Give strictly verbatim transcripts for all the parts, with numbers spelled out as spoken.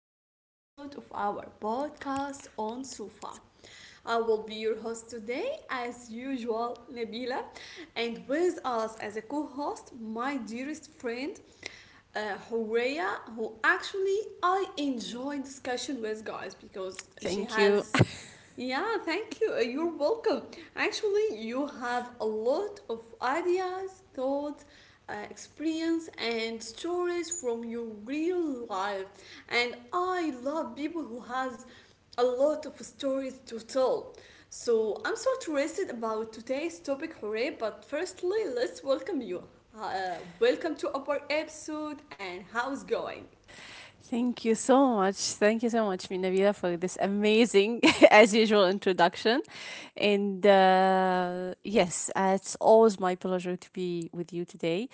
a new episode of our podcast on Sufa. I will be your host today, as usual, Nabila, and with us as a co host, my dearest friend. Uh, Horea, who actually I enjoy discussion with guys because she Thank you. has. Yeah, thank you. Uh, You're welcome. Actually, you have a lot of ideas, thoughts, uh, experience, and stories from your real life. And I love people who has a lot of stories to tell. So I'm so interested about today's topic, Hooray! But firstly, let's welcome you. Uh, welcome to our episode, and how's going? Thank you so much. Thank you so much, Minavida, for this amazing, as usual, introduction. And uh, yes, uh, it's always my pleasure to be with you today.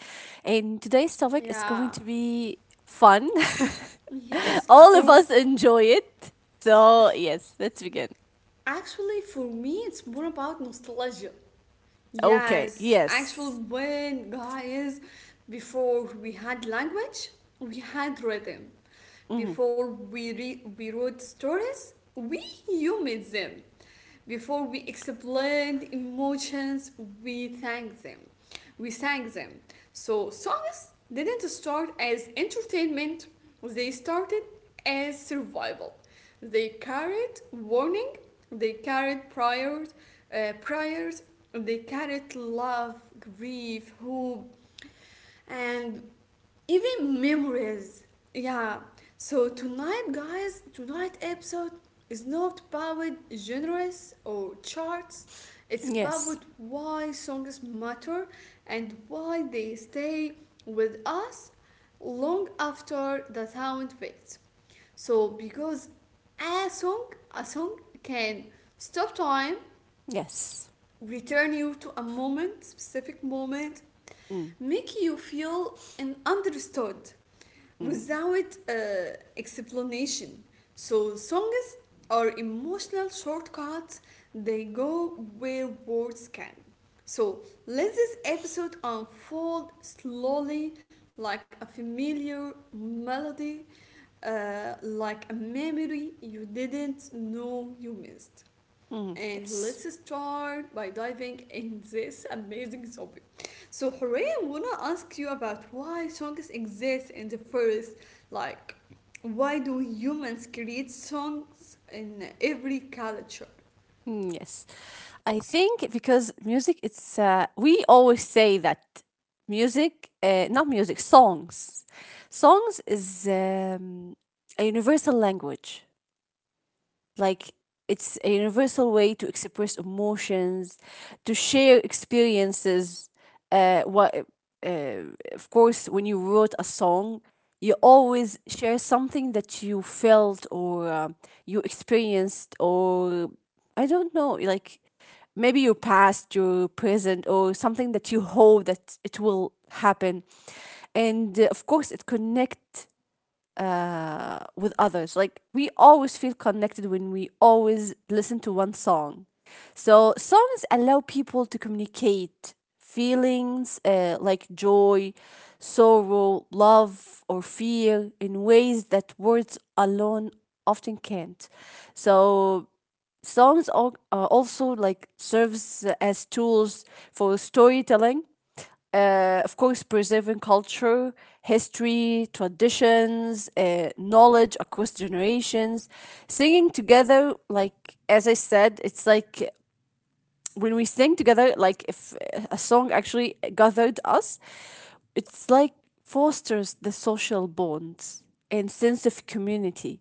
And today's topic is Yeah. going to be fun. Yes, uh, All of for us enjoy it. So, yes, let's begin. Actually, for me, it's more about nostalgia. Okay, Yes, actually, yes. when guys, before we had language, we had rhythm. Hmm. Before we re- we wrote stories, we humans them. Before we explain the emotions, we thank them. We thank them. So songs didn't start as entertainment, they started as survival. They carried warning, they carried prayers, uh, prayers, they carried love, grief, hope, and even memories. Yeah. So tonight, guys, tonight episode is not about genres or charts. It's Yes. about why songs matter and why they stay with us long after the sound fades. So because a song, a song can stop time, Yes. return you to a moment, specific moment, Mm-hmm. make you feel and understood Mm-hmm. without uh, explanation. So songs are emotional shortcuts. They go where words can. So let this episode unfold slowly, like a familiar melody, uh, like a memory you didn't know you missed. Mm-hmm. And Yes. let's start by diving in this amazing topic. So, Hooray, I wanna ask you about why songs exist in the first, like, why do humans create songs in every culture? Mm, yes. I think because music, it's, uh, we always say that music, uh, not music, songs. Songs is um, a universal language, like it's a universal way to express emotions, to share experiences, uh, what uh, of course, when you wrote a song, you always share something that you felt or um you experienced, or I don't know, like maybe your past, your present, or something that you hope that it will happen. And uh, of course it connect uh, with others. Like we always feel connected when we always listen to one song. So songs allow people to communicate feelings, uh, like joy, sorrow, love, or fear in ways that words alone often can't. So songs al- uh, also like serves as tools for storytelling, uh, of course, preserving culture, history, traditions, uh, knowledge across generations. Singing together, like, as I said, it's like when we sing together, like, if a song actually gathered us, it's like fosters the social bonds and sense of community.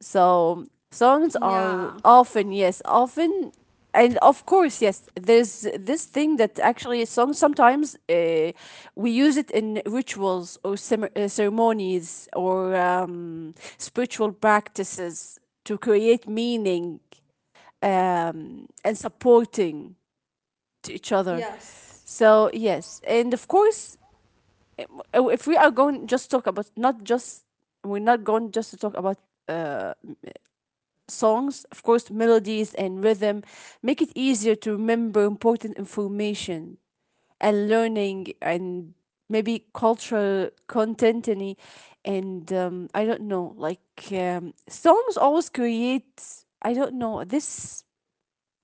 So songs are Yeah. often, yes, often, and of course, yes, there's this thing that actually songs sometimes uh, we use it in rituals or cem- uh, ceremonies or um, spiritual practices to create meaning, um, and supporting to each other. Yes. So yes, and of course, uh, if we are going just talk about not just we're not going just to talk about uh, songs, of course, melodies and rhythm make it easier to remember important information and learning and maybe cultural content any- and um, I don't know, like um, songs always create, I don't know, this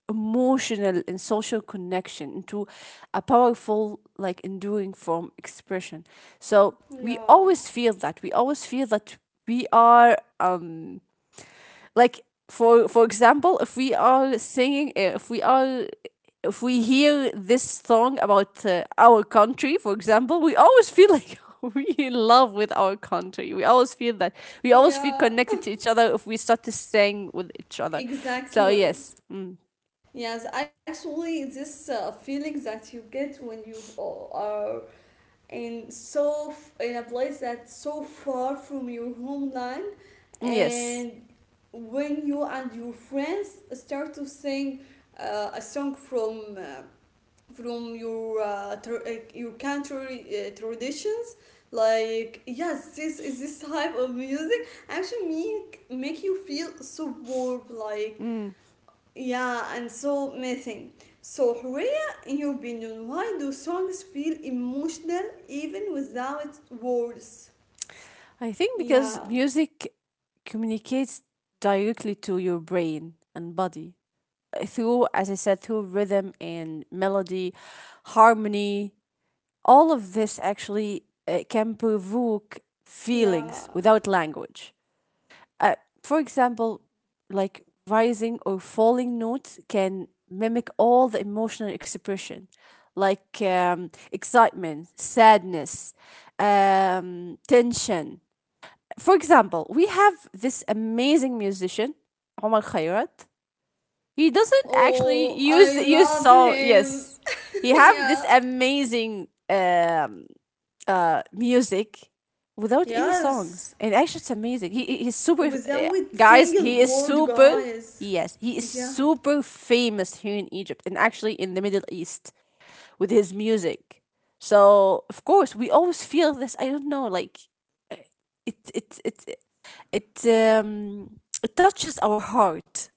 emotional and social connection into a powerful, like enduring form expression. So we always Yeah. feel that. We always feel that we are um like for for example, if we are singing uh, if we are, if we hear this song about uh, our country, for example, we always feel like we in love with our country. We always feel that we always feel Yeah. connected to each other if we start to sing with each other. So yes, Exactly. mm, Yes, actually, this uh, feeling that you get when you uh, are in so f- in a place that's so far from your homeland yes. and when you and your friends start to sing uh, a song from uh, from your uh, tr- uh, your country uh, traditions, like, yes, this is this type of music actually make make you feel so warm, like, Mm. yeah, and so missing. So, Horea, in your opinion, why do songs feel emotional even without words? I think because Yeah, music communicates directly to your brain and body, uh, through, as I said, through rhythm and melody, harmony. All of this actually uh, can provoke feelings yeah. without language. Uh, for example, like rising or falling notes can mimic all the emotional expression, like um, excitement, sadness, um, tension. For example, we have this amazing musician, Omar Khayrat. He doesn't actually Oh, use I use love song. him. Yes, he have this Yeah. amazing um, uh, music without any Yes, songs, and actually it's amazing. He he's super, eh, without guys. single He is word, super. guys. Yes, he is Yeah. super famous here in Egypt and actually in the Middle East with his music. So of course we always feel this. I don't know, like eh, it it it it um it touches our heart.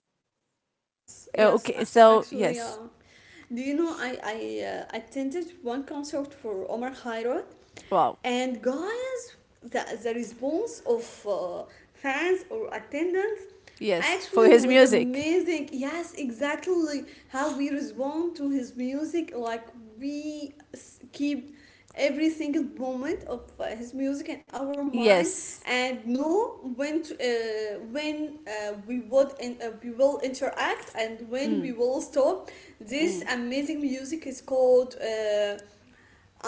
Yes, Uh, yes, Okay, so actually, yeah. yes, Do you know I I uh, attended one concert for Omar Khairot, wow, and guys, the the response of uh, fans or attendants yes, for actually his was music, amazing. Yes, exactly how we respond to his music, like we s- keep every single moment of uh, his music in our mind, yes. and know when to, uh, when uh, we would in, uh, we will interact and when we Mm, will stop. This mm. amazing music is called uh,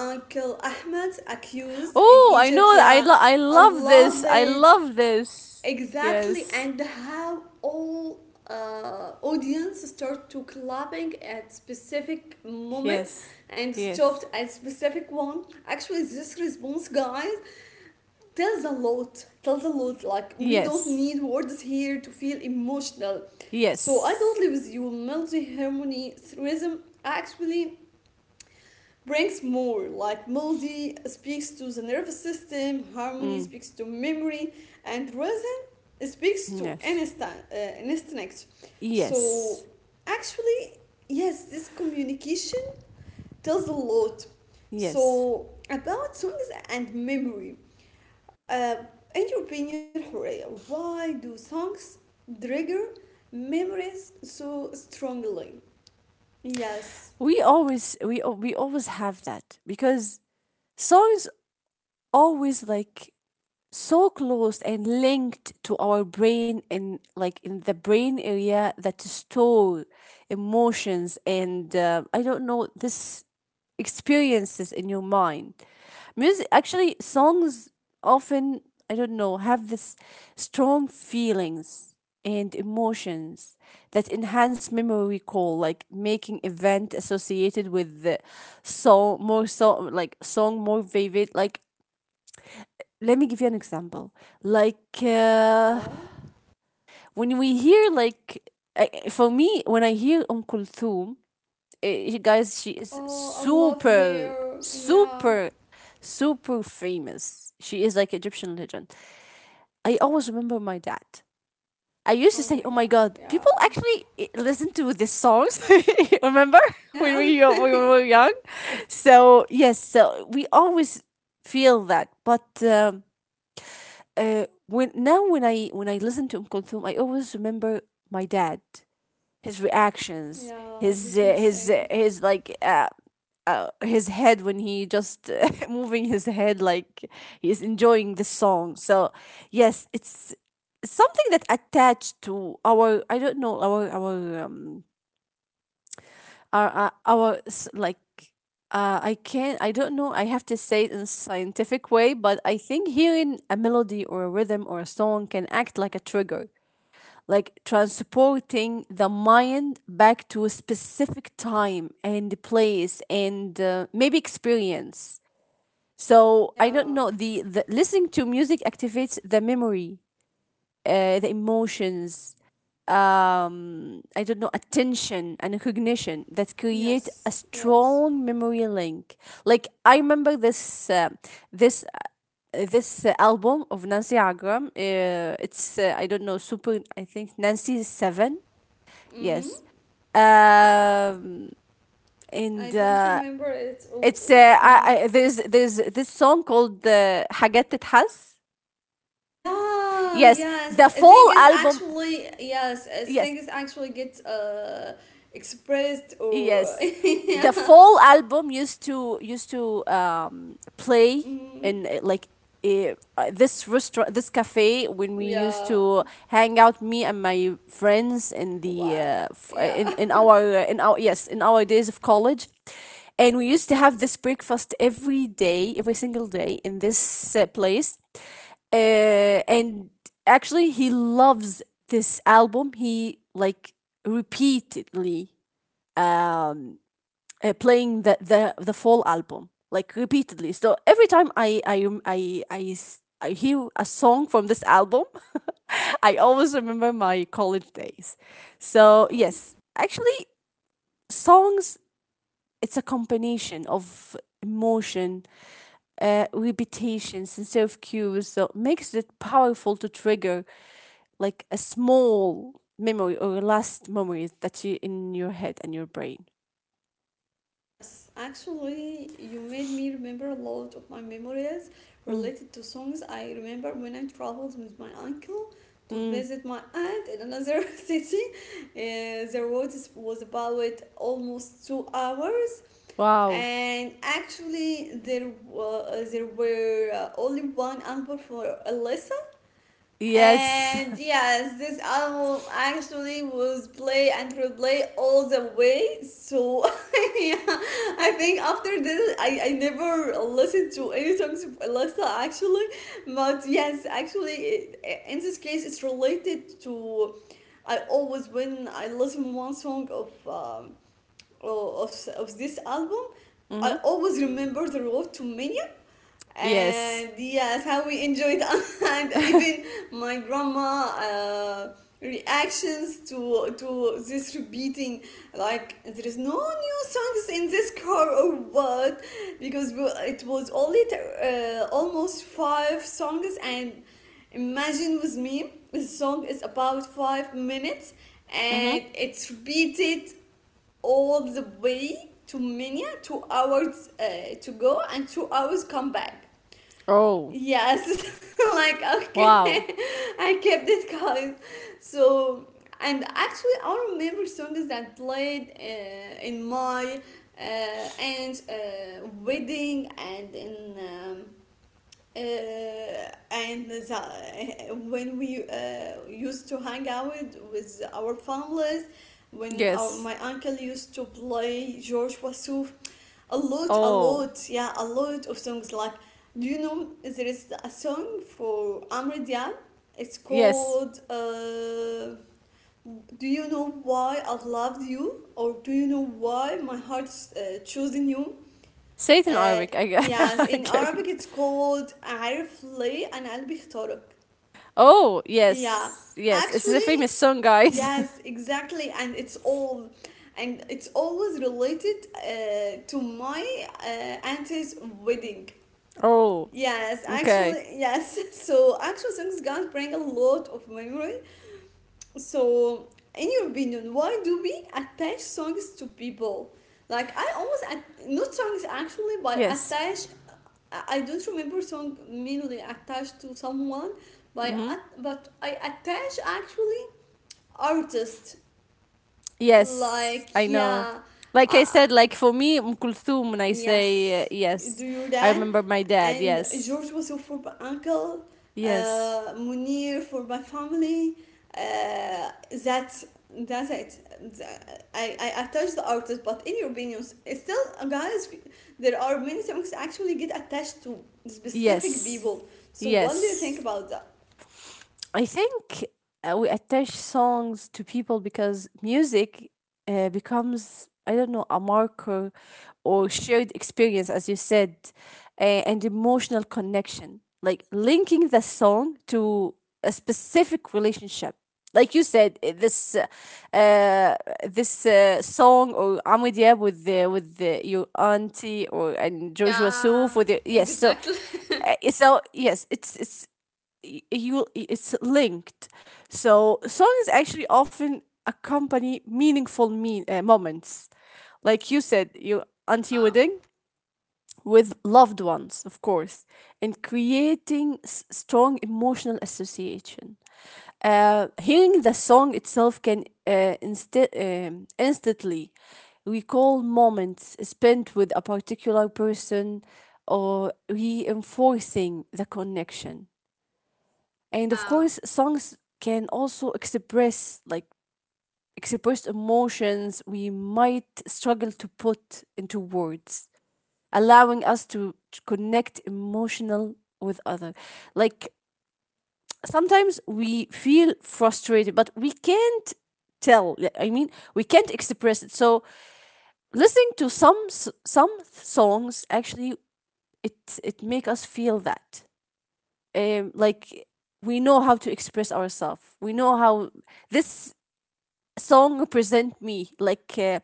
Uncle Ahmed Accused in Oh, I Egypt. know. I Yeah, lo- I I love this. love I it, love this. exactly, Yes. and how all uh, audience start to clapping at specific moment Yes. and stopped Yes. at specific one. Actually, this response, guys, tells a lot, tells a lot. Like we don't Yes. need words here to feel emotional, so I don't Yes. live with you. Melody, harmony, rhythm actually brings more. Like, melody speaks to the nervous system, harmony Mm. speaks to memory, and rhythm speaks to Yes. instinct, uh, instinct. So Yes. actually, yes, this communication tells a lot. Yes. So about songs and memory. Uh, in your opinion, Horea, why do songs trigger memories so strongly? Yes. We always we al- we always have that because songs always like so close and linked to our brain, and like in the brain area that store emotions and uh, I don't know, this experiences in your mind. Music, actually, songs often, I don't know, have this strong feelings and emotions that enhance memory recall, like making event associated with the song more, so like song more vivid. Like, let me give you an example. Like uh, Yeah. when we hear, like I, for me, when I hear Um Kulthum, eh, guys, she is Oh, I love super, hair. Yeah. super, super famous. She is like Egyptian legend. I always remember my dad. I used to Oh say, my "Oh my god. God, Yeah. people actually eh, listen to these songs." Remember when Yeah. we yo- when we were young? So yes, so we always feel that. But um, uh, when now when I when I listen to Um Kulthum, I always remember my dad, his reactions, Yeah. his This uh, his uh, missing. his like uh, uh, his head when he just uh, moving his head like he's enjoying the song. So yes, it's something that attached to our, I don't know, our our um our uh, our s- like uh, I can't, I don't know, I have to say it in a scientific way, but I think hearing a melody or a rhythm or a song can act like a trigger, like transporting the mind back to a specific time and place and uh, maybe experience. So I don't Yeah. know, the, the listening to music activates the memory, uh, the emotions, um, I don't know, attention and recognition that create a Yes. Yes. strong memory link. Like I remember this uh, this uh, this uh, album of Nancy Agram. Uh, it's uh, I don't know super. I think Nancy seven. Mm? Yes. Um, I and don't uh, remember it. Oh, it's oh, uh, yeah. I, I, there's there's this song called uh, "حاجات تتحس." Yeah, Yes, yes. the I think full it's album. actually, yes. I think Yes, it's actually gets uh expressed, or yes, the fall album used to used to um, play mm, in uh, like eh, uh, this restaurant, this cafe when we used yeah. to hang out, me and my friends in the uh, Wow. f- uh, Yeah. in in our eh, in our, yes, in our days of college, and we used to have this breakfast every day, every single day in this uh, place, uh, and actually he loves this album. He like repeatedly um, uh, playing the, the the fall album like repeatedly. So every time I I I I, s- I hear a song from this album, I always remember my college days. So Wow. yes, actually, songs, it's a combination of emotion, uh, repetition, sincere of cues. So makes it powerful to trigger like a small memory or last memory that you in your head and your brain. Yes. Actually, you made me remember a lot of my memories Mm. related to songs. I remember when I traveled with my uncle to Mm. visit my aunt in another city. Uh, the road is, was about almost two hours, Wow. and actually there was there were uh, only one album for Alyssa, Yes. and yes, this album actually was play and replay all the way, so yeah, I think after this I, I never listened to any songs of Alyssa, actually. But yes, actually, it, in this case it's related to, I always, when I listen one song of um, of, of this album, I Mm-hmm. always remember the road to Minya, Yes. and yes, how we enjoyed, and even Mm-hmm. my grandma uh, reactions to to this repeating, like there is no new songs in this car, or what? Because we, it was only uh, almost five songs, and imagine with me the song is about five minutes, and it's repeated all the way to Minya, two hours uh, to go and two hours come back. Oh. Yes, like, okay, Wow. I kept it, guys. So, and actually, I remember songs that played uh, in my uh, aunt's uh, wedding, and in. Um, uh, and the, when we uh, used to hang out with our families, when our, Yes. my uncle used to play George Wassouf a lot a Oh. lot yeah a lot of songs. Like, do you know there is a song for Amr Diab? It's Yes. called, uh, do you know why I loved you, or do you know why my heart's uh, choosing you? Satan آه, Arabic. I, yes, I in can't. Arabic Re- it's called عارف ليه أنا قلبي اختارك. Oh. Yeah, Yes. Yes. It's a actually, famous song, guys. yes, exactly, and it's all and it's always related uh, to my uh, auntie's wedding. Oh. Yes, Okay. actually, yes. So actual songs, guys, bring a lot of memory. So in your opinion, why do we attach songs to people? Like, i always at- not songs actually, but Yes. attach. I I don't remember song melody attached to someone, but Mm-hmm. I, but I attach actually artist. Yes. Like, I know. yeah, Like I uh, said, like for me, Um Kulthum, when I say uh, yes. Do yes, you I dance? remember my dad. And Yes. George was for my uncle, Yes. uh, Munir for my family. Uh, that's that's it. I, I attach the artist, but in your opinions, it's still, uh, guys, there are many songs actually get attached to specific Yes. people. So what do you think Yes. about that? I think uh, we attach songs to people because music uh, becomes, I don't know, a marker or shared experience, as you said, uh, and emotional connection, like linking the song to a specific relationship. Like you said, uh, this uh, uh, this uh, song or Amu Diab with the, with the, your auntie, or and Joshua Souf Yeah, with the, yes, so exactly. uh, so yes it's it's y- you it's linked. So songs actually often accompany meaningful me- uh, moments, like you said, your auntie Yeah, wedding with loved ones, of course, and creating s- strong emotional association. Uh, hearing the song itself can uh, insta- um, instantly recall moments spent with a particular person or reinforcing the connection. And of yeah, course, songs can also express like express emotions we might struggle to put into words, allowing us to connect emotional with other. Like, sometimes we feel frustrated but we can't tell, like, I mean, we can't express it. So listening to some s- some songs actually, it it make us feel that, um, like, we know how to express ourselves, we know how this song represent me, like uh,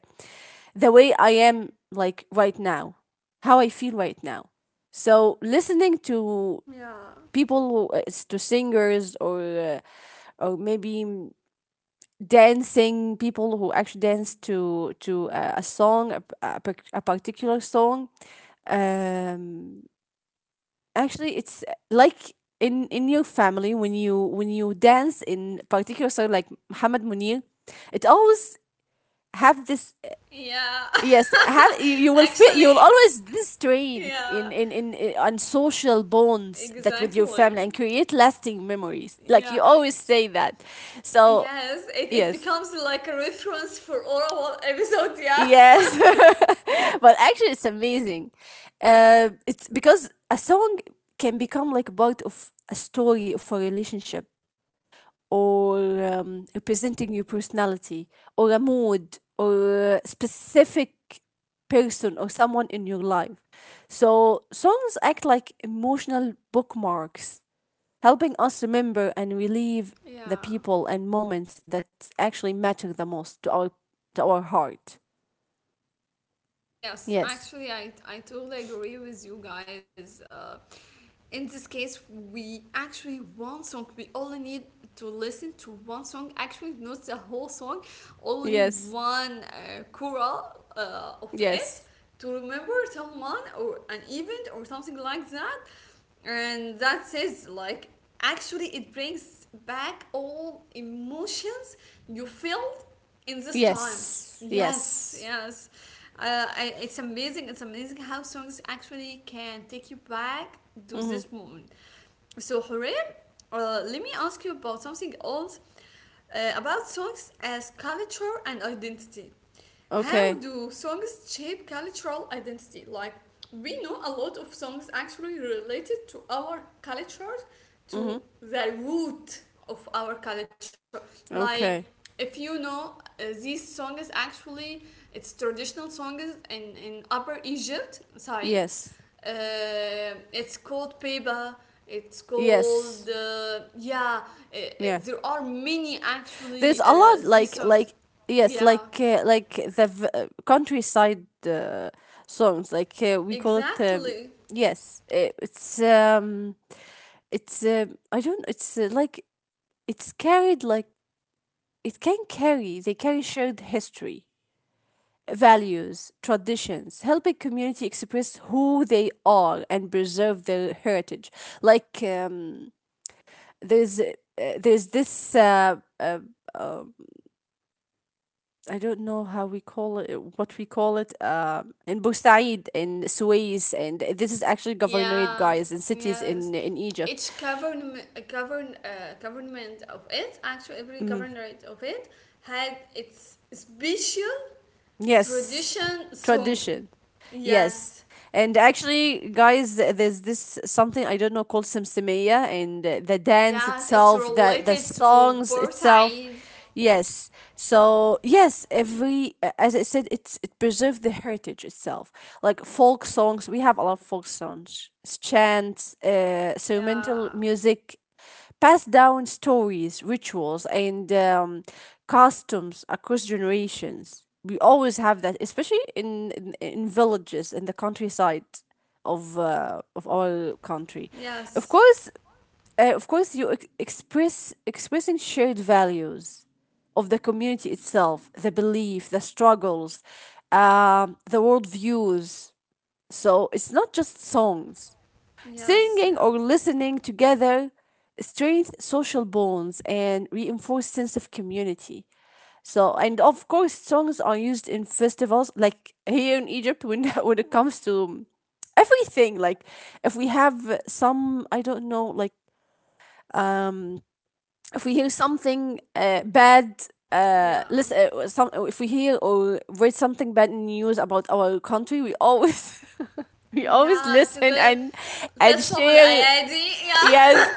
the way I am, like right now, how I feel right now. So listening to yeah, people who, uh, to singers, or uh, or maybe mm, dancing people who actually dance to to uh, a song a, a, par- a particular song, um actually it's uh, like, in in your family when you, when you dance in particular song like Muhammad Munir, it always have this, yeah. yes, have you, you will feel, you will Actually, always this strength in yeah, in in in- on social bonds that with your family, exactly. and create lasting memories like Yeah. you always say that. So Yes, it, it yes, becomes like a reference for all our episode, yeah. yes, but actually it's amazing. Uh, it's because a song can become like part of a story of a relationship, or um, representing your personality, or a mood, or a specific person or someone in your life. So, songs act like emotional bookmarks, helping us remember and relieve the Yeah. people and moments that actually matter the most to our, to our heart. Yes, Yes. actually, I, I totally agree with you, guys. Uh, in this case, we actually one song. We only need to listen to one song. Actually, not the whole song, only Yes. one uh, choral uh, of it Yes. to remember someone or an event or something like that. And that says like, actually, it brings back all emotions you felt in this time. Yes. Yes, Yes. yes. Uh, I, it's amazing. It's amazing how songs actually can take you back to Mhm. this moment. So, Horan, uh, let me ask you about something else, uh, about songs as culture and identity. How Okay. do songs shape cultural identity? Like, we know a lot of songs actually related to our culture, to Mhm. the root of our culture. Like, Okay. if you know uh, these songs, actually, it's traditional songs in, in Upper Egypt, Said, Yes. uh, it's called paper. It's called, Yes. uh, yeah. Uh, uh, Yeah. there are many There's actually a uh, lot these like songs. like yes, Yeah, like uh, like the v- uh, countryside uh, songs like, uh, we call it, um, exactly. yes, uh, it's um it's um I don't it's uh, like it's carried, like it can carry, they carry shared history, values, traditions, helping community express who they are and preserve their heritage. like um there's uh, there's this uh, uh, um, I don't know how we call it, what we call it, um, in Busaid, in Suez, and this is actually governorate, Yeah, guys, in cities yes. in in Egypt. Each government, govern, uh, government of it, actually every Mm. government of it, had its special Yes, tradition song. tradition. Yes. Yes, And actually, guys, th- there's this something I don't know called Simsimia, and uh, the dance yes. It's itself, the the related to songs Port itself. Said. Yes. So yes, every a- as I said, it's it preserved the heritage itself. Like folk songs, we have a lot of folk songs, s- chants, uh, Yeah. instrumental music passed down stories, rituals, and um, customs across generations. We always have that, especially in in, in villages in the countryside of uh, of our country. Yes, Of course, uh, of course, you ex- express expressing shared values of the community itself, the belief, the struggles, um, the worldviews. So it's not just songs. yes, yeah, Singing or listening together strengthens social bonds and reinforces sense of community. So, and of course, songs are used in festivals, like here in Egypt, when when it comes to everything. Like, if we have some, I don't know, like, um, if we hear something, uh, bad, uh, yeah, listen, uh, some if we hear or read something bad news about our country, we always we always yeah. To go listen and and تسلم share, الآية دي. Yeah. yes,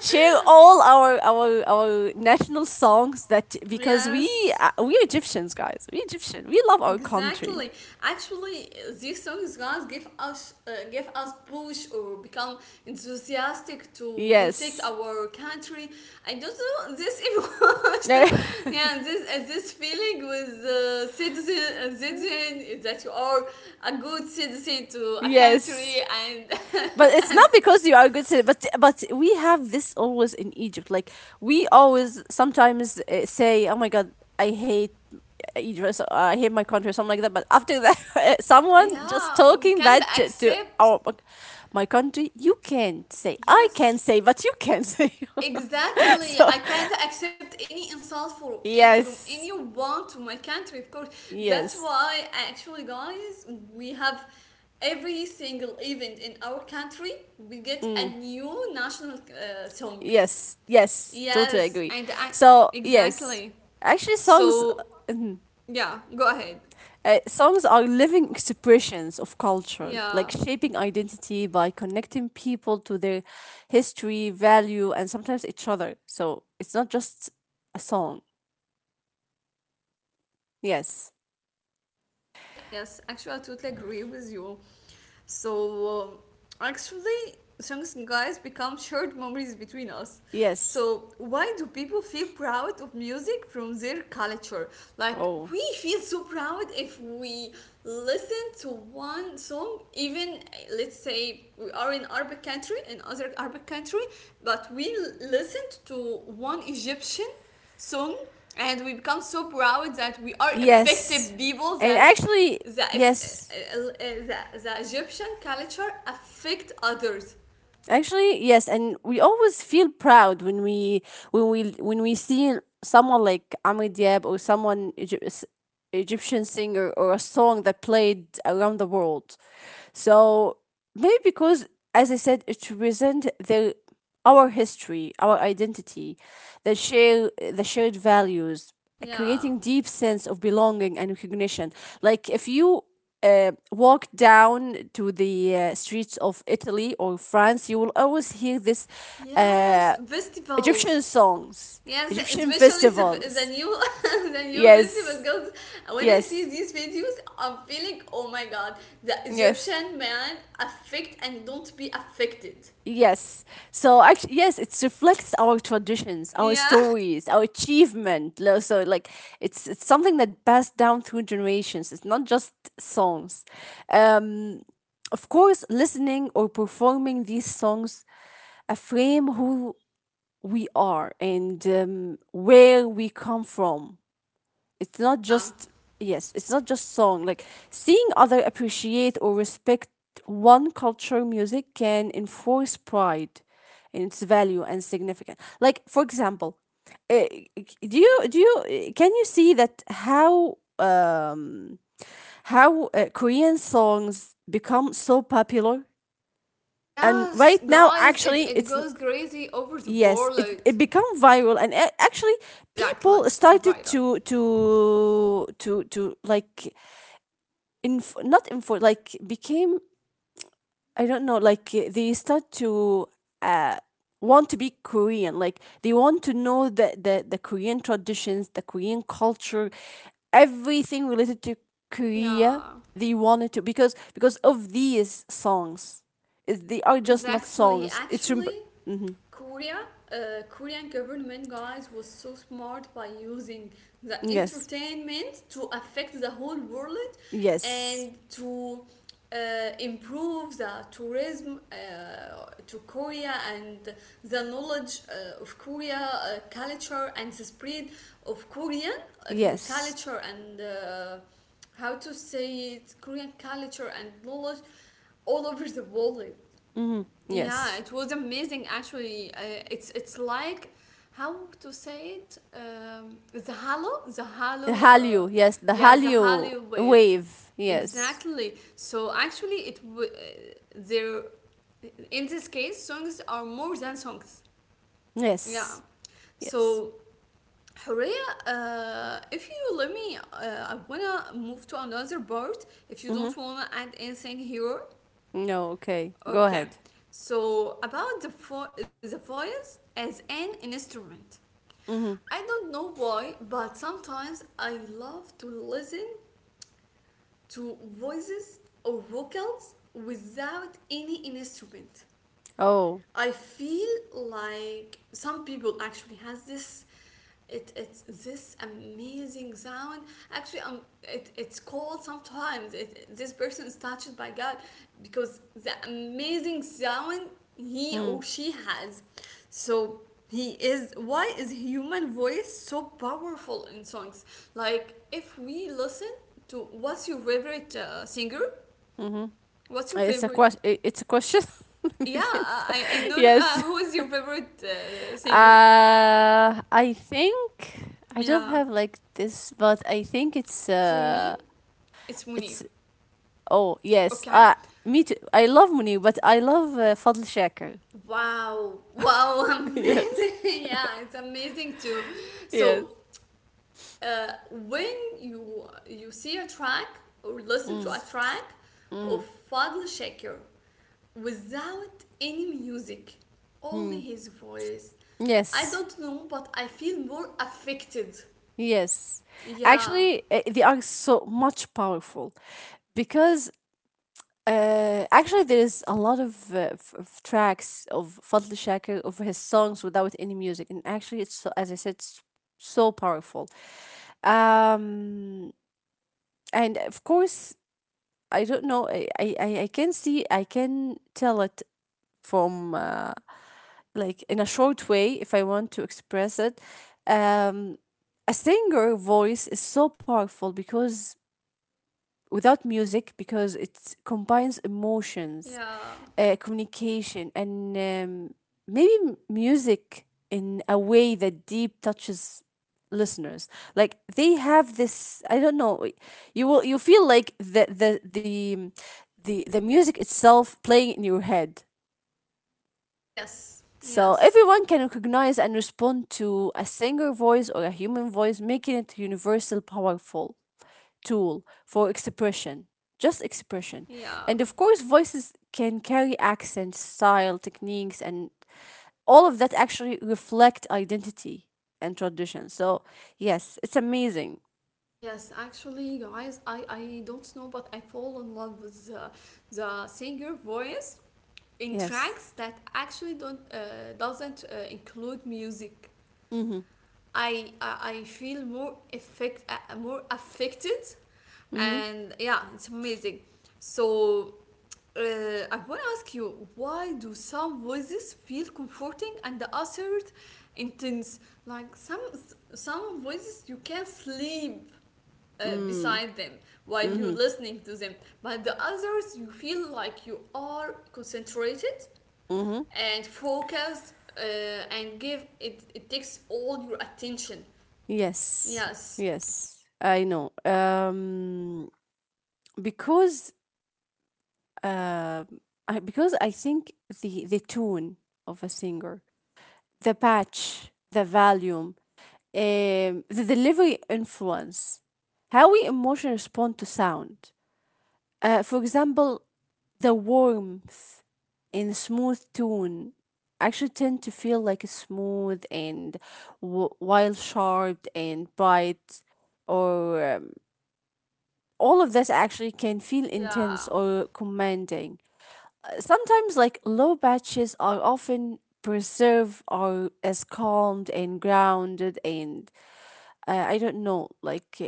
share all our our our national songs, that because we, Yes, uh, we egyptians guys we egyptian we love our country, exactly. Actually, these songs, guys, give us, uh, give us push, or become enthusiastic to protect yes. our country. I don't know this emotion. Yeah, this, uh, this feeling with, uh, citizen, uh, citizen, is that you are a good citizen to a country, Yes. and But it's and not because you are a good at, but but we have this always in Egypt. Like, we always sometimes uh, say, "Oh my God, I hate Egypt. So I hate my country," or something like that. But after that, someone just yeah, talking we bad can't to, to our, accept. my country, you can't say. I can say, Yes, but you can say. So exactly. I can't accept any insult for, eh, from yes, anyone to my country. Of course, that's yes. why actually, guys, we have every single event in our country, we get a Mm. new national uh, song. Yes, yes. Totally Yes, agree. and I So yes, exactly. actually, songs. So, Mhm. yeah, go ahead. Uh, songs are living expressions of culture, like Yeah. shaping identity by connecting people to their history, value, and sometimes each other. So it's not just a song. Yes. Yes, actually, I totally agree with you. So, uh, actually, thanks, guys, become shared memories between us. Yes. So, why do people feel proud of music from their culture? Like, Oh. we feel so proud if we listen to one song, even, uh, let's say we are in Arabic country, in other Arabic country, but we l- listened to one Egyptian song, and we become so proud that we are Yes. effective people, And that actually, the, yes. uh, uh, the, the Egyptian culture affect others. Actually, yes, and we always feel proud when we, when we when we see someone like Amr Diab or someone Egy- s- Egyptian singer or a song that played around the world. So maybe because, as I said, it represent their our history, our identity, the share the shared values, Yeah. creating deep sense of belonging and recognition. Like, if you uh, walk down to the uh, streets of Italy or France, you will always hear this, uh, Yes, Egyptian festivals. songs, Yes, Egyptian especially the, the festivals. new the new festivals. Yes, Because when I see yes, these videos, I'm feeling, oh my god, the yes. Egyptian man affect and don't be affected. Yes. So actually, yes, it reflects our traditions, our Yeah. stories, our achievement. Lo- So, like, it's it's something that passed down through generations. It's not just songs. Um, of course, listening or performing these songs affirm who we are and um, where we come from. It's not Yeah. just, yes, it's not just song, like seeing other appreciate or respect one culture music can enforce pride in its value and significance, like for example, uh, do you do you can you see that how, um how uh, Korean songs become so popular. And Yes, right now, guys, it, actually, it it's, goes crazy over the yes, it world. it become viral, and a- actually Exactly. people started Viral. to to to to like, inf- not info, like became, I don't know, like, uh, they start to, uh want to be Korean. Like, they want to know the the, the Korean traditions, the Korean culture, everything related to Korea. Yeah. They wanted to, because because of these songs. Is- they are just not Exactly. songs, it's rem- Actually, Mhm. Korea, uh, Korean government, guys, was so smart by using the Yes, entertainment to affect the whole world, yes. and to uh, improve the tourism uh, to Korea, and the knowledge uh, of Korea uh, culture, and the spread of Korean uh, Yes. culture, and uh, how to say it, Korean culture and knowledge all over the world. Hmm. Yeah, Yes. it was amazing actually. Uh, it's it's like how to say it? Um, the halo, the The halo, uh, Hallyu. Yes, the yeah, the Hallyu halo wave. wave. Yes. Exactly. So actually, it w- uh, there in this case, songs are more than songs. Yeah. Yes. Yes. So Horea, uh, if you let me, uh, I wanna move to another part. If you Mm-hmm. don't wanna add anything here, No, okay. Go okay, ahead. so about the, vo- the voice as an instrument. Mm-hmm. I don't know why, but sometimes I love to listen to voices or vocals without any instrument. Oh. I feel like some people actually has this it it's this amazing sound actually. Um it, it's called sometimes, it, this person is touched by God because the amazing sound he or Mm. she has. So he is why is human voice so powerful in songs, like if we listen to what's your favorite uh, singer Mm-hmm. what's your It's a favorite question. It's a question. yeah, Maybe it's a- I, I know. Uh, yes. who is your favorite uh, singer? Uh, I think I don't Yeah, have like this, but I think it's for me, uh, it's Munir. it's, oh yes. Okay. Uh, me too. I love Munir, but I love uh, Fadl Shaker. Wow, wow, Yes. amazing! Yeah, it's amazing too. Yes. So, uh, when you you see a track or listen Mm, to a track of mm, Fadl Shakir, without any music, only mm. his voice, I Yes, don't know, but I feel more affected. yes. Yeah, Actually, uh, they are so much powerful, because uh, actually there is a lot of, uh, f- of tracks of Fadl Shakir, of his songs without any music, and actually it's so, as I said, s- so powerful. Um, and of course, I don't know. I I I I can see. I can tell it from. Uh, like, in a short way, if I want to express it, um a singer voice is so powerful, because without music, because it combines emotions, yeah. uh, communication, and um, maybe m- music in a way that deep touches listeners. Like, they have this, I don't know, you will, you feel like the the the the, the music itself playing in your head. Yes, So yes, everyone can recognize and respond to a singer voice or a human voice, making it a universal, powerful tool for expression, just expression. yeah, And of course, voices can carry accents, style, techniques, and all of that actually reflect identity and tradition. So yes, it's amazing. yes. Actually, guys, I I don't know, but I fall in love with the, the singer voice in Yes. tracks that actually don't uh, doesn't uh, include music. Mhm. I, I I feel more effect uh, more affected, Mhm. and yeah, it's amazing. So Uh, I want to ask you, why do some voices feel comforting and the others intense? Like some some voices you can sleep uh, Mm. beside them while you're Mhm. listening to them, but the others you feel like you are concentrated Mhm. and focused, uh, and give it it takes all your attention. Yes. Yes. Yes. I know. Um, because uh, I- because I think the the tone of a singer, the pitch, the volume, um, the delivery influence, how we emotionally respond to sound. Uh, for example, the warmth in smooth tone actually tend to feel like smooth, and w- while sharp and bright, or, um, all of this actually can feel intense Yeah. or commanding sometimes, like low batches are often preserved or as calmed and grounded, and uh, I don't know, like, uh,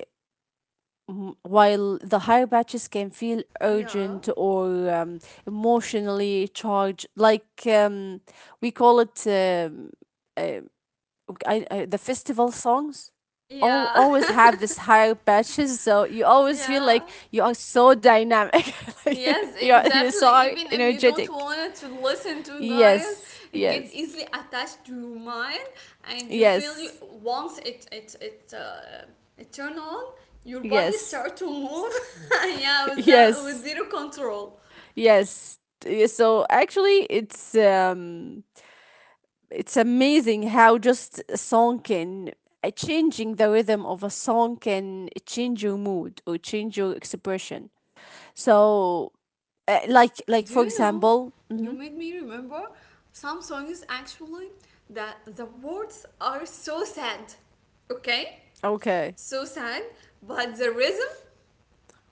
m- while the higher batches can feel Yeah. urgent or, um, emotionally charged, like, um, we call it um, uh, I, I, the festival songs al- Yeah. always have this higher patches, so you always feel Yeah. like you are so dynamic, like Yes, you're, you're exactly. so Even if you don't energetic. want to listen to, guys, Yes, it get yes, easily attached to your mind, and you feel you, yes, once it it it uh, it turn on, your body yes, start to move. Yeah, without with yes, zero control. yes. Yeah. So actually, it's um, it's amazing how just a song can, uh, changing the rhythm of a song can change your mood or change your expression. So, uh, like, like Do for you know? example, You hmm, made me remember some songs actually that the words are so sad. Okay, okay, so sad, but the rhythm,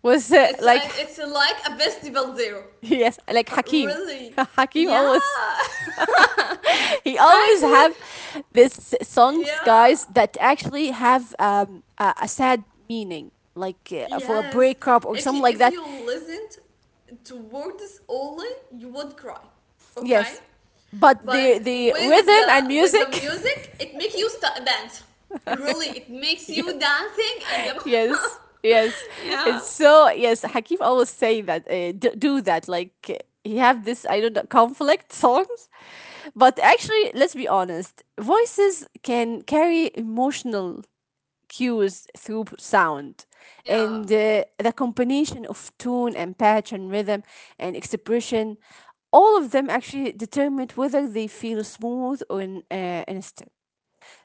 was it it's uh, like, it's like a festival zero. yes, like Hakim. Really? Hakim Yeah. always. He Actually, always have this songs, yeah. guys, that actually have, um, a, a sad meaning, like uh, for a Yes. breakup If you or if something like you that, listened to words only, you would cry. Okay? yes, but But the the with rhythm the and with the music. music, it makes you st- dance. Really, it makes you Yes, dancing in the yes, yes, Yeah. it's so, yes, Hakif always say that, uh, d- do that, like, uh, he have this, I don't know, conflict songs. But actually let's be honest, voices can carry emotional cues through sound. Yeah. And uh, the combination of tune and patch and rhythm and expression, all of them actually determine whether they feel smooth or, in, uh, instant.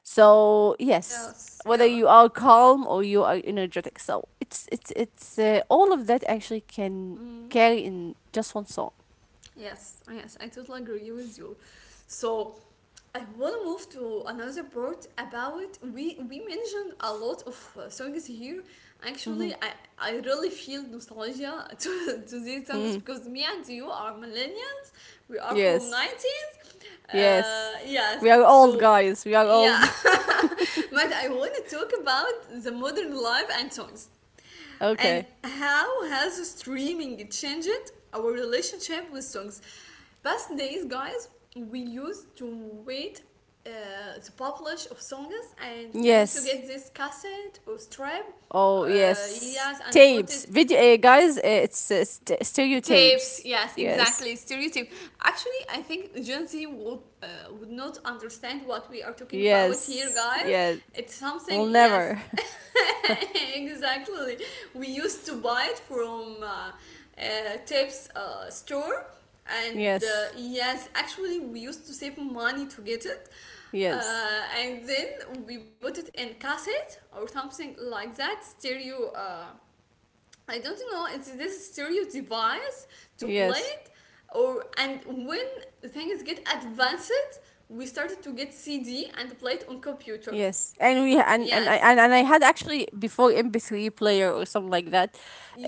So yes, Yes. whether Yeah. you are calm or you are energetic, so it's, it's it's uh, all of that actually can carry in just one song. Yes. Yes. I totally agree with you. So I want to move to another part. About, we we mentioned a lot of uh, songs here. Mm-hmm. Actually, I, I really feel nostalgia to, to these songs Mm. because me and you are millennials. We are from Yes. nineties. Yes. Uh, yes. We are old, So guys. We are yeah. old. But I want to talk about the modern life and songs. And Okay. how has streaming changed our relationship with songs? Past days, guys, we used to wait, uh, the publish of songs, and we used to Yes. get this cassette or strip, Oh, uh, yes. yes, and put Tapes. it. Video, uh, guys, uh, it's uh, st- Tapes, stereotapes. yes, Yes. exactly. Stereotype. Actually, I think Gen Z would, uh, would not understand what we are talking about here, Yes. guys. Yes. It's Will something, yes, never. exactly. We used to buy it from uh, uh, tapes uh, store, and uh, Yes. yes, actually, we used to save money to get it. Yes. Uh, and then we put it in cassette or something like that, stereo, uh, I don't know. It's this stereo device to play Yes. it. Or, and when things get advanced, we started to get C D and play it on computer. Yes, and we and and I Yes, and, and I had actually before M P three player or something like that.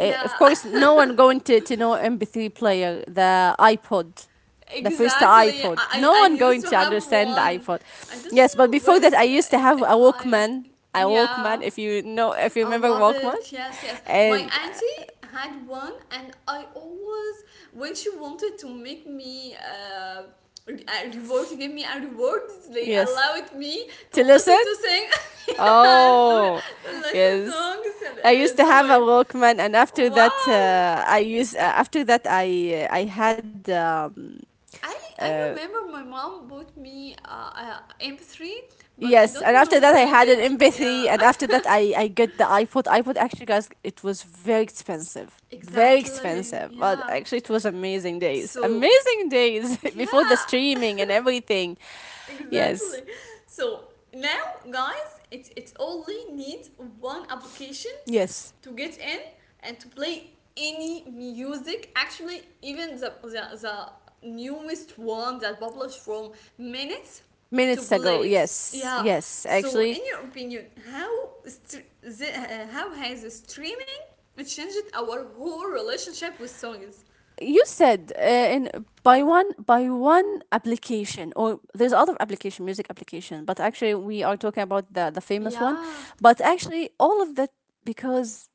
Uh, of course, no one going to to know M P three player, the iPod, the first exactly. I iPod. I No I one used going to to have understand the one. iPod. I don't Yes, but know before where that, I it, used to it, have it a hide. Walkman. A Yeah, Walkman, if you know, if you I remember love Walkman, it. Yes, yes. My and uh, auntie had one, and I always, when she wanted to make me uh, re- a reward, to give me a reward, they yes, allowed me to to listen listen. to sing, yeah, to, Oh, to listen yes. songs and I used uh, to draw have a it. Walkman, and after that, Wow. uh, I use. Uh, after that, I uh, I had. Um, I, I remember my mom bought me uh, a M P three, but I Yes, and don't after know that, I where is had an it. Yeah, M P three, and after that, I I get the iPod. iPod actually, guys, it was very expensive, very exactly. expensive, but Yeah. actually, it was amazing days, So amazing days. Before the yeah. streaming and everything. Yes, Exactly. So now, guys, it, it only needs one application yes, to get in and to play any music. Actually, even the, the, the newest one that published from minutes to minutes ago. play it. Yes, Yeah. yes, So, actually, in your opinion, how str- the, uh, how has streaming changed our whole relationship with songs? you said, uh, in by one by one application, or there's other application music application, but actually we are talking about the the famous one. Yeah. But actually all of that, because,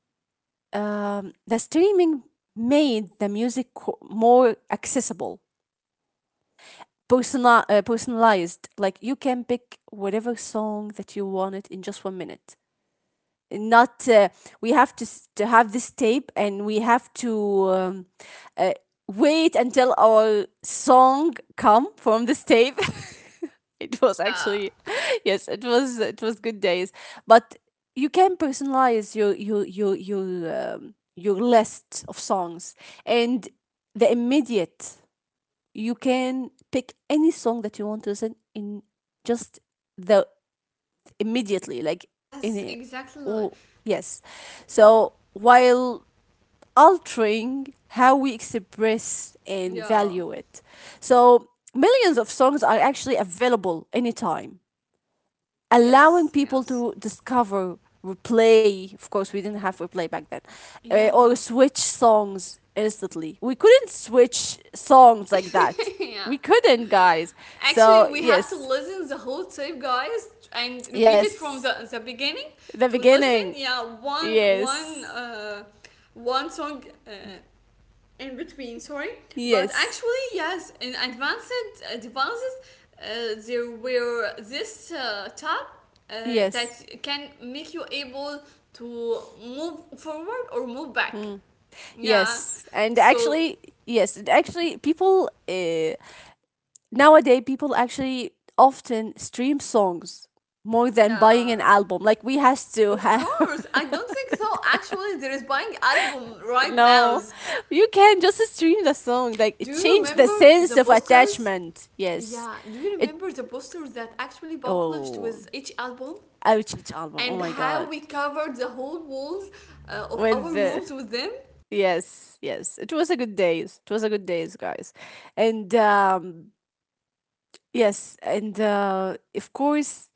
um, the streaming made the music, co- more accessible, personal, uh, personalized, like you can pick whatever song that you wanted in just one minute. Not, uh, we have to, s- to have this tape, and we have to, um, uh, wait until our song come from this tape. It was Yeah. actually. Yes, it was it was good days. But you can personalize your your your your um, your list of songs, and the immediate, you can pick any song that you want to listen in just the, immediately, like in Yes, a, exactly. oh, yes, so while altering how we express and Yeah. value it. So millions of songs are actually available anytime, allowing Yes, people yes. to discover, replay, of course, we didn't have replay back then, uh, or Yeah. switch songs instantly. We couldn't switch songs like that. Yeah. We couldn't, guys. Actually, So we have to yes, listen the whole tape, guys, and repeat it from yes, the, the beginning the to listen. beginning, Yeah, one one yes. uh, one song, uh, in between. Sorry, but Yes. actually, yes, in advanced uh, devices, uh, there were this uh, tab, uh, Yes. that can make you able to move forward or move back. Mm. Yeah. Yes. And So actually, yes, and actually people uh, nowadays people actually often stream songs more than buying an yeah. album. Like we has to Of have course, I don't think so. Actually, there is buying album right now. No. You can just stream the song. Like Do it you changed the remember sense the of posters? attachment. Yes. Yeah, do you It remember the posters that actually published Oh, with each album? ouch, it's album. And Oh my how we God. covered the whole walls uh, of our With the rooms with them? Yes, yes. It was a good days. It was a good days, guys. And um Yes, and uh, of course,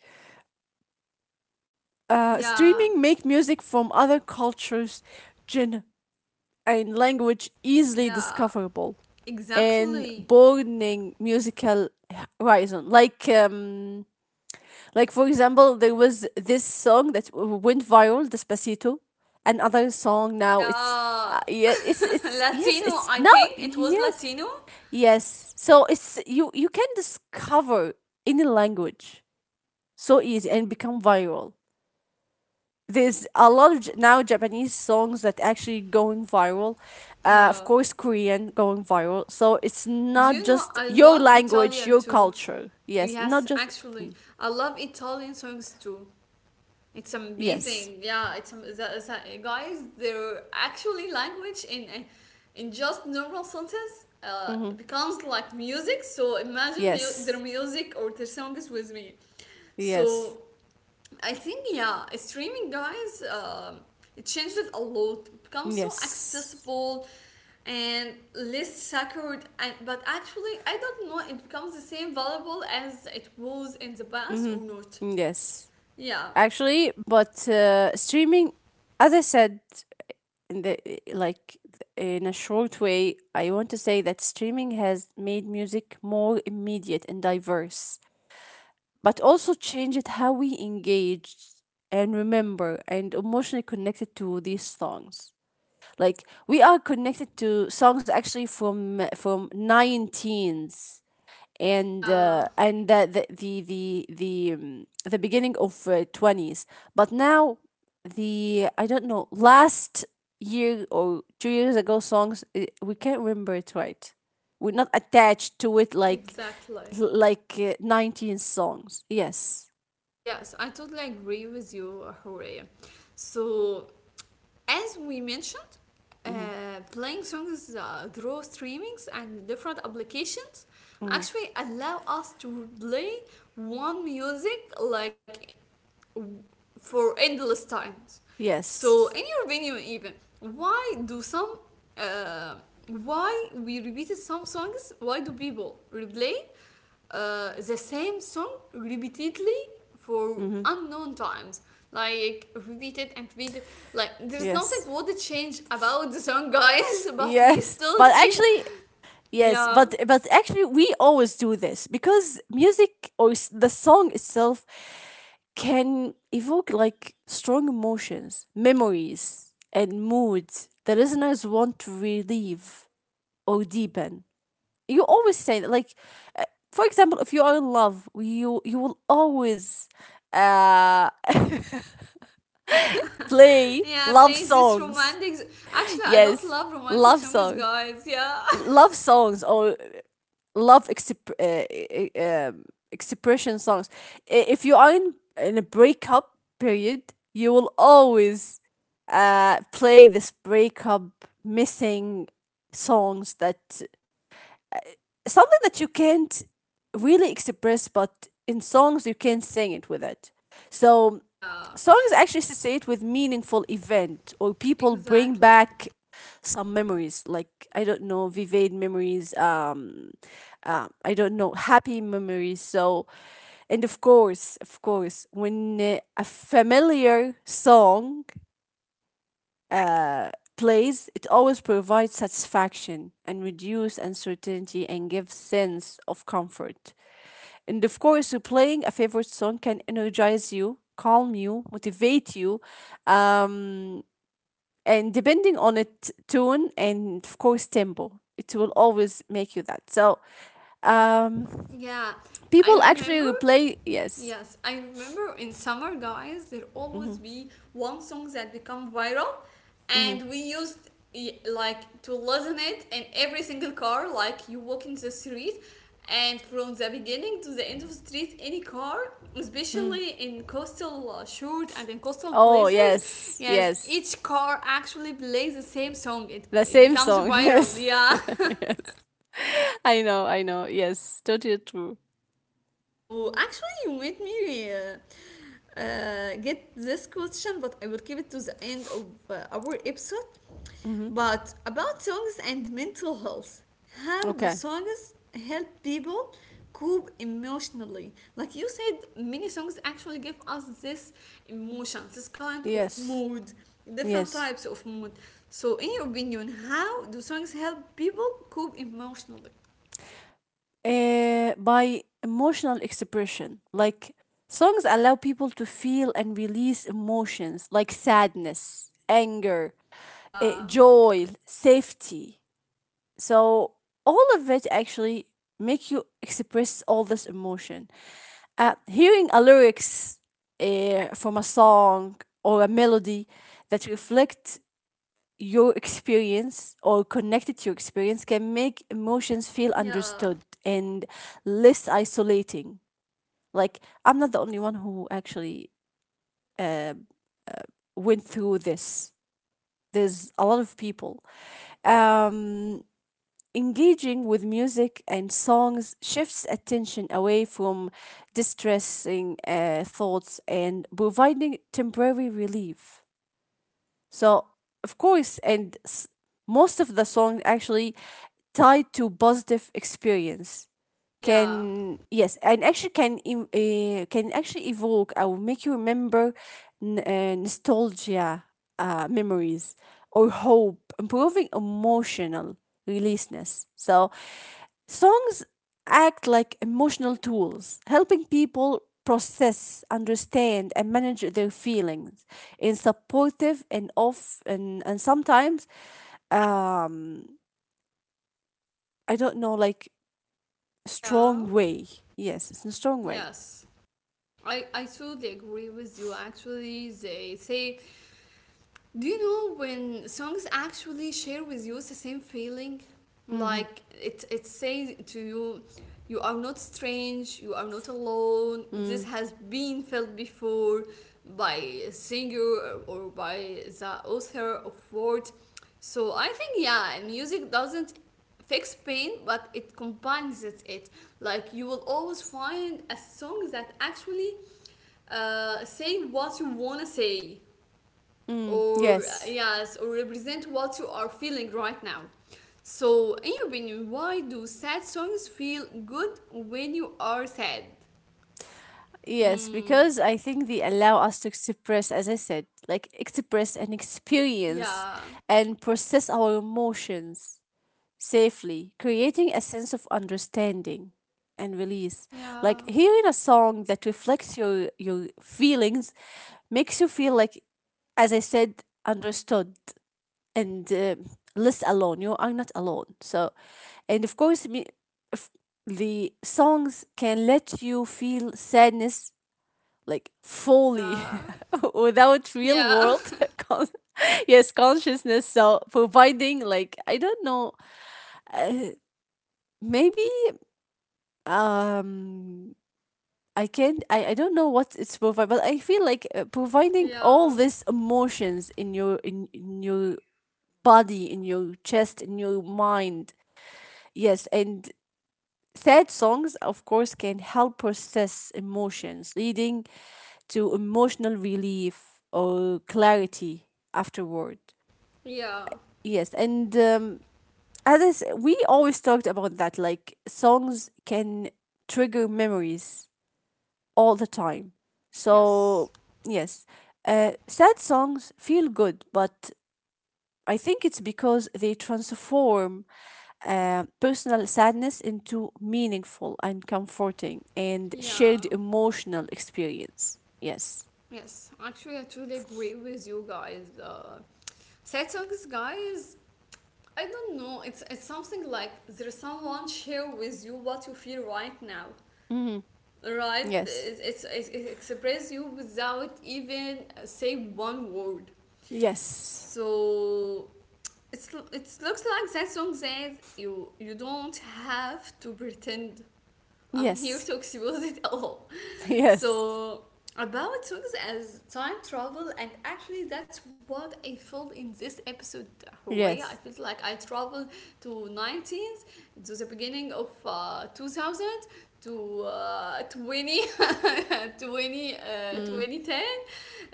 uh, Yeah, streaming make music from other cultures, genre, and language easily yeah, discoverable and exactly. broadening musical horizon. Like, um, like, for example, there was this song that w- went viral, "Despacito," another song now. It's Yeah, uh, Yeah, it's it's yes, Latino, it's I now, think it was yes, Latino. yes. So it's you you can discover any language so easy and become viral. There's a lot of J- now Japanese songs that actually going viral. Uh, of Yeah. course, Korean going viral. So it's Do not you know just I your love language, Italian your too? culture. Yes, not Yes, just. actually, Mm, I love Italian songs too. It's yes. amazing. Yeah, it's am- the, the, guys. Their actually language in a- in just normal sentence uh, Mm-hmm. becomes like music. So imagine mu- their Yes. music or their songs with me. Yes. So I think yeah, streaming, guys, um, it changed it a lot. It becomes so Yes. accessible and less sacred. And but actually, I don't know. It becomes the same valuable as it was in the past or not. Mm-hmm. Yes. Yeah. Actually, but uh, streaming, as I said, in the eh, like in a short way, I want to say that streaming has made music more immediate and diverse, but also changed how we engage and remember and emotionally connected to these songs. Like we are connected to songs actually from from nineteens, and Yeah. uh, and the the the the the, um, the beginning of uh, twenties. But now, the I don't know, last year or two years ago songs, eh, we can't remember it, right? We're not attached to it like, Exactly. like uh, nineteen songs. Yes. Yes, I totally agree with you, Horea. So, as we mentioned, Mm-hmm. uh, playing songs uh, through streamings and different applications Mm-hmm. actually allow us to play one music like for endless times. So, Yes. in your opinion, even why do some uh, why we repeated some songs? Why do people replay uh, the same song repeatedly for Mm-hmm. unknown times? Like repeated and repeated. Like there's nothing Yes, what to change about the song, guys. But we yes. still But keep actually, yes, yeah, but but actually we always do this because music, or s- the song itself, can evoke like strong emotions, memories, and moods the listeners want to relieve or deepen. You always say that, like, uh, for example, if you are in love, you you will always, uh, play yeah, love playing this songs. romantic. Actually, I don't Yes, love love romantic songs, song, guys. Yeah. love songs, or love exp- uh, uh, um, expression songs. I- If you are in, in a breakup period, you will always, uh, play this breakup missing songs, that something that you can't really express, but in songs you can sing it with it. So, Yeah. songs actually associate with meaningful event or people, bring Exactly. back some memories, like, I don't know, vivid memories, um, um I don't know, happy memories. So, and of course, of course when, uh, a familiar song, uh, plays, it always provides satisfaction and reduce uncertainty and gives sense of comfort. And of course, playing a favorite song can energize you, calm you, motivate you, um, and depending on its tone and of course tempo, it will always make you that. So, um, Yeah, people I actually remember. replay. Yes. Yes, I remember in summer, guys, there Hmm. always be one song that become viral, Hmm. and we used y- like to listen it in every single car. Like you walk in the street, and from the beginning to the end of the street, any car, Mm. especially in coastal uh, short and in coastal Oh places, yes, yes, yes, each car actually plays the same song. It the it same becomes song. viral. Yes, Yeah. yes. I know, I know. Yes, totally true. So actually, you made me uh, uh, get this question, but I will keep it to the end of uh, our episode. Hmm. But about songs and mental health, how do Okay. songs help people cope emotionally? Like you said, many songs actually give us this emotion, this kind of Yes, mood, different yes. types of mood. So, in your opinion, how do songs help people cope emotionally? Uh, by emotional expression, like songs allow people to feel and release emotions like sadness, anger, uh, Yeah, joy, safety. So all of it actually make you express all this emotion. Uh, hearing a lyrics, uh, from a song or a melody that reflect your experience or connected to your experience, can make emotions feel yeah, understood and less isolating. Like, I'm not the only one who actually, uh went through this. There's a lot of people. Um, Engaging with music and songs shifts attention away from distressing, uh, thoughts, and providing temporary relief. So, of course, and s- most of the songs actually tied to positive experience yeah, can, yes, and actually can, em- eh can actually evoke or make you remember, n- uh, nostalgia, uh, memories, or hope, improving emotional releaseness. So songs act like emotional tools, helping people process, understand, and manage their feelings in supportive and off and, and sometimes, um I don't know, like, yeah. strong way. Yes, it's a strong way. Yes, I, I totally agree with you. Actually, they say, do you know when songs actually share with you the same feeling? Mm-hmm. Like it, it says to you, you are not strange, you are not alone. This Mm. has been felt before by a singer or by the author of words. So I think, yeah, music doesn't fix pain, but it combines it. it. Like you will always find a song that actually uh, say what you wanna say, Mm. or uh, Yes. yes, or represent what you are feeling right now. So in your opinion, why do sad songs feel good when you are sad? Yes, Mm, because I think they allow us to express, as I said, like express and experience, yeah, and process our emotions safely, creating a sense of understanding and release. yeah, Like hearing a song that reflects your, your feelings, makes you feel like, as I said, understood, and uh, less alone. You are not alone. So, and of course, me, if the songs can let you feel sadness, like, fully yeah, without real yeah, world con- yes, consciousness. So providing, like, I don't know, maybe, um I can't, I, I don't know what it's provide, but I feel like, uh, providing all yeah, these emotions in your, in, in your body, in your chest, in your mind. Yes. And sad songs, of course, can help process emotions, leading to emotional relief or clarity afterward. yeah, Yes. And, um, as I s- we always talked about that, like songs can trigger memories all the time. yes, So, yes, uh, sad songs feel good, but I think it's because they transform, uh, personal sadness into meaningful and comforting and yeah, shared emotional experience. Yes. yes, actually, I truly agree with you, guys. Uh, sad songs, guys, I don't know, it's it's something like there's someone share with you what you feel right now, Mhm. right? Yes. It's, it's, it express you without even say one word. Yes. So it's it looks like that song says, you you don't have to pretend, I'm here Yes. to expose it all. Yes. So about songs as time travel, and actually that's what I felt in this episode, Horea. I Yes. felt like I traveled to nineteenth, to the beginning of uh, two thousand, to uh, twenty, twenty, uh, Mm. twenty ten,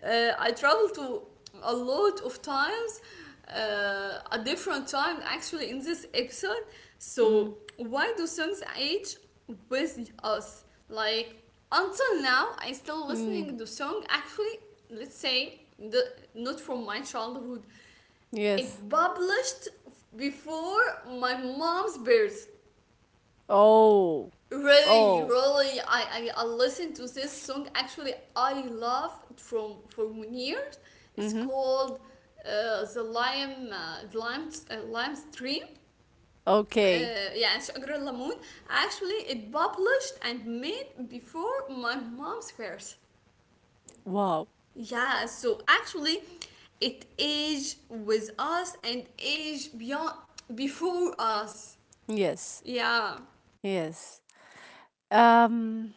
uh, I traveled to a lot of times, uh, a different time actually in this episode. Mm. So why do songs age with us? Like, until now I still Mm. listening to song actually, let's say the, not from my childhood, Yes. it published before my mom's birth. Oh. Really, Oh. really, I, I i listened to this song, actually I love it from for years. It's Mm-hmm. called uh, the lime, uh, the lime, uh, lime stream, Okay. uh, yeah, sugar lamoon. Actually, it published and made before my mom's first. Wow. Yeah, so actually it aged with us and aged beyond before us. Yes. Yeah, Yes. Um,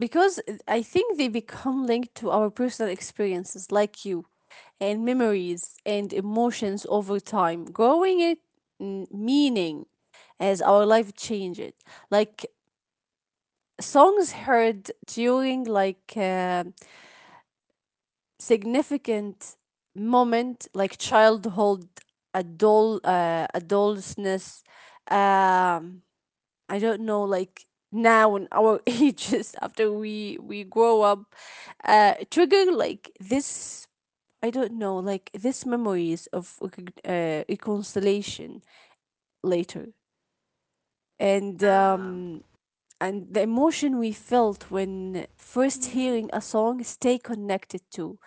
because I think they become linked to our personal experiences, like you, and memories and emotions over time, growing it, mm, meaning, as our life changes. Like songs heard during, like, uh, significant moment, like childhood, adult, uh, adolescence. Um, I don't know, like, now in our ages after we we grow up, uh, trigger like this. I don't know, like this memories of, recog- uh, reconciliation later, and yeah. um, and the emotion we felt when first Mm, hearing a song, stay connected to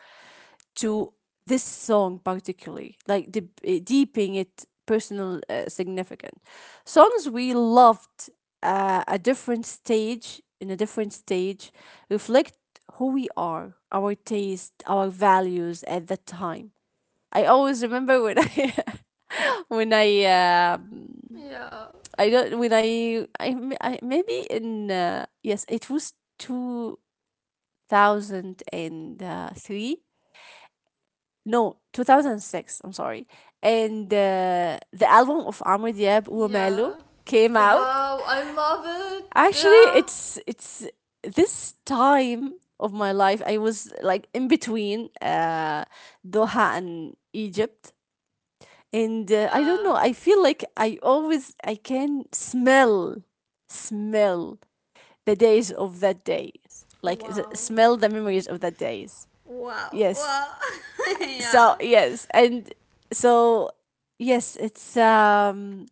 to this song particularly, like, de- uh, deeping it personal, uh, significant songs we loved, uh, a different stage, in a different stage, reflect who we are, our taste, our values at that time. I always remember when I when I um yeah. I don't when I I, m- I- maybe in, uh, yes, it was two thousand three. No, two thousand six, I'm sorry. And uh, the album of Amr Diab, Womalo, Yeah. came out. Wow, I love it. Actually, Yeah. it's it's this time of my life, I was like in between, uh, Doha and Egypt. And uh, I don't Yeah. know, I feel like I always, I can smell, smell the days of that days. Like s- Wow. smell the memories of that days. Wow. Yes. Wow. Yeah. So, yes, and, so, yes, it's um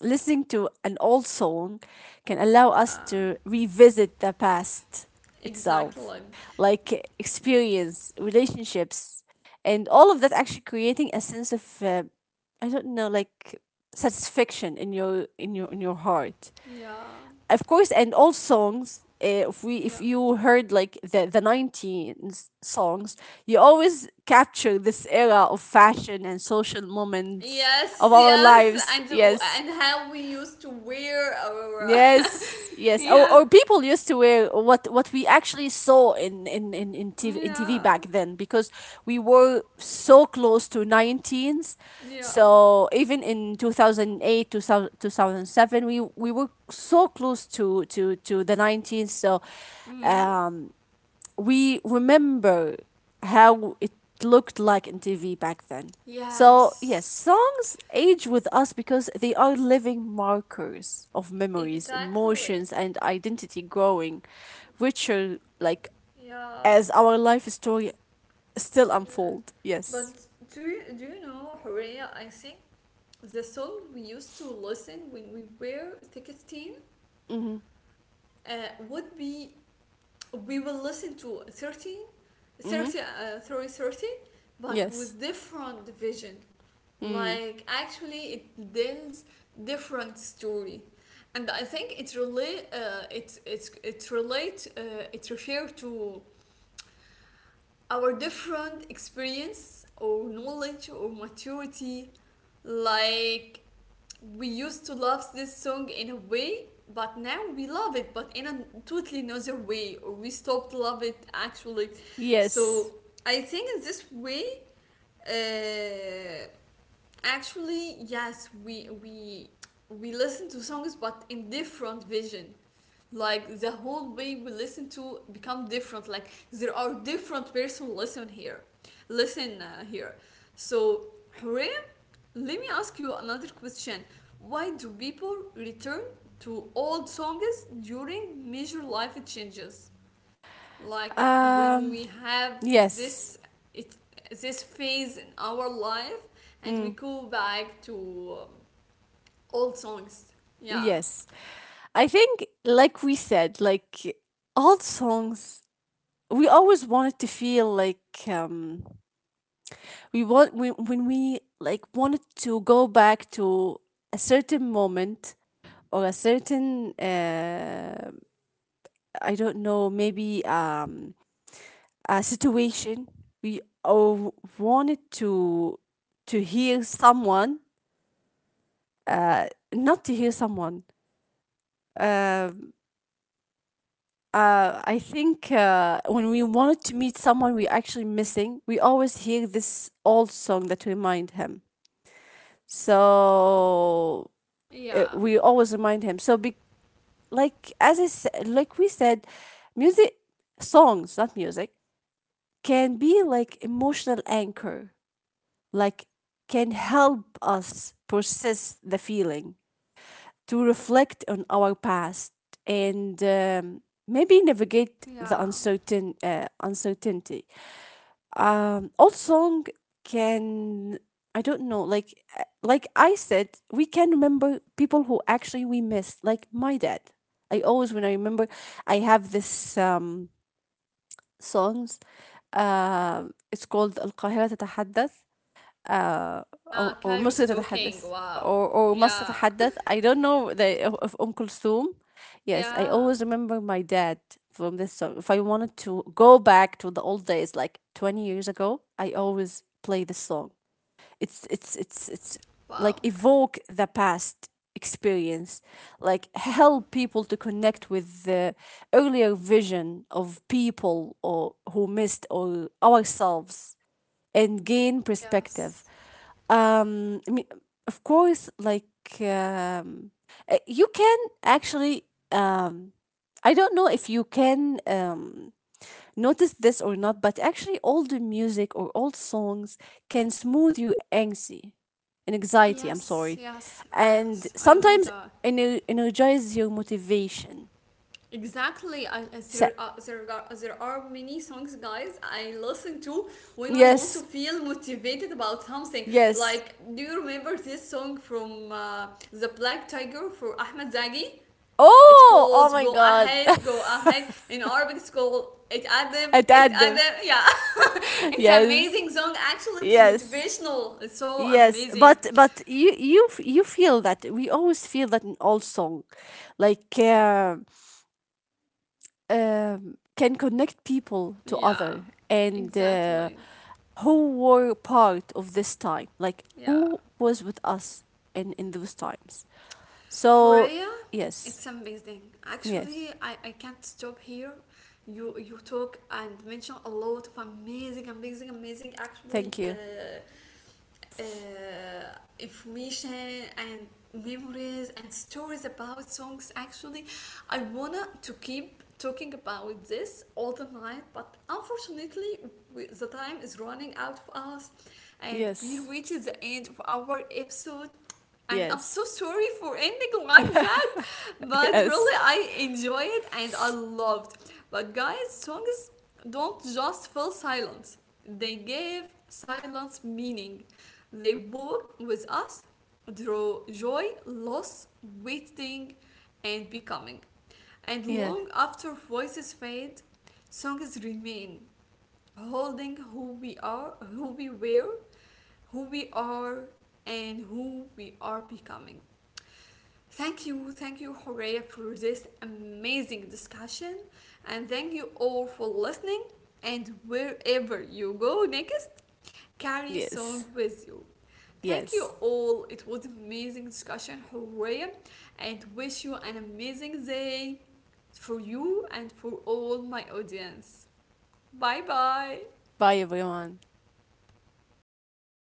listening to an old song can allow us to revisit the past itself, Exactly. like, experience relationships, and all of that actually creating a sense of, uh, I don't know, like, satisfaction in your, in your in your heart. Yeah. Of course, and all songs, eh, if we if Yeah. you heard, like the the nineteens songs, you always capture this era of fashion and social moments Yes, of our yes. lives. And Yes. and how we used to wear our Yes, yes. Or, yeah. or people used to wear what what we actually saw in in in in T V, in T V Yeah. back then, because we were so close to nineteens. Yeah. So even in two thousand eight, thousand eight, two thousand two thousand seven, we we were so close to to to the nineteens. So, Hmm. um we remember how it looked like in T V back then. So, yes, Yes. songs age with us because they are living markers of memories, Exactly. emotions, and identity, growing richer, like, Yeah. as our life story still Exactly. unfold. Yes. But do you, do you know, Horea? I think the song we used to listen when we were sixteen, Mm-hmm. uh, would be we will listen to thirteen, Mm-hmm. thirty, 30, uh, 30, thirty, but Yes. with different vision, Mm. like actually it tells different story. And I think it relate, uh, it it's it relate, uh, it refers to our different experience or knowledge or maturity. Like we used to love this song in a way, but now we love it but in a totally another way, or we stopped love it actually. Yes. So I think in this way, uh, actually, yes, we we we listen to songs but in different vision, like the whole way we listen to become different, like there are different person listen here, listen uh, here. So Hooray, let me ask you another question. Why do people return to old songs during major life changes? Like, when Um. we have Yes. this it, this phase in our life, and we Mm. go back to um, old songs. Yeah. Yes. I think, like we said, like, old songs, we always wanted to feel like, um, we want we, when we, like, wanted to go back to a certain moment, or a certain, uh, I don't know, maybe, um, a situation. We all wanted to to hear someone, uh, not to hear someone, um uh, I think, uh, when we wanted to meet someone we actually missing, we always hear this old song that remind him. So, uh, Yeah. we always remind him. So be, like, as I said, like we said, music, songs, not music, can be like emotional anchor, like, can help us process the feeling, to reflect on our past, and, um, maybe navigate the Yeah. uncertain, uh, uncertainty. Um old song can, I don't know, like, uh, like I said, we can remember people who actually we missed, like my dad. I always, when I remember, I have this, um songs, uh, it's called القاهرة تتحدث, uh, Yeah, or, or Kairos مش talking. تتحدث, Wow. or or must Yeah. تتحدث, I don't know, the of Umm Kulthum. Yes, I Yeah. always remember my dad from this song. If I wanted to go back to the old days, like twenty years ago, I always play this song. It's it's it's it's like Wow. evoke the past experience, like help Wow. people to connect with the earlier vision of people or who missed or ourselves and gain perspective. Yes. um, I mean, of course, like, um, uh, you can actually. Um, I don't know if you can, um, notice this or not, but actually, older music or old songs can smooth your anxiety, and anxiety, I'm Yes, sorry, yes, and yes, I know sometimes, that. ener- energize your motivation. Exactly, and and there So, are, there are there are many songs, guys, I listen to when I want to yes, feel motivated about something. yes. Like, do you remember this song from uh, The Black Tiger, for Ahmed Zaghi? It's Oh, oh called my "Go God! Ahead, Go Ahead." In Arabic, it's called "It Adam, At It them. Adam." Yeah, it's Yes, amazing song. Actually, it's yes. motivational. It's so Yes, amazing. but but you you f- you feel that we always feel that in all song, like, uh, um, can connect people to Yeah, other and uh, exactly. who were part of this time, like Yeah. who was with us in in those times. So, Horea, it's yes, amazing. yes, Actually, I, I can't stop here. You you talk and mention a lot of amazing, amazing, amazing actually thank you. uh, uh, information and memories and stories about songs. Actually, I wanna to keep talking about this all the night, but unfortunately, we, the time is running out of us, and we're Yes, reaching the end of our episode, and I'm yes, so sorry for ending like that, but yes, really I enjoy it and I loved. But guys, songs don't just fill silence; they give silence meaning. They walk with us through joy, loss, waiting, and becoming. And yes, long after voices fade, songs remain, holding who we are, who we were, who we are, and who we are becoming. Thank you, thank you, Horea, for this amazing discussion. And thank you all for listening. And wherever you go next, carry a yes, song with you. Thank yes. you all. It was amazing discussion, Horea, and wish you an amazing day, for you and for all my audience. Bye bye. Bye everyone.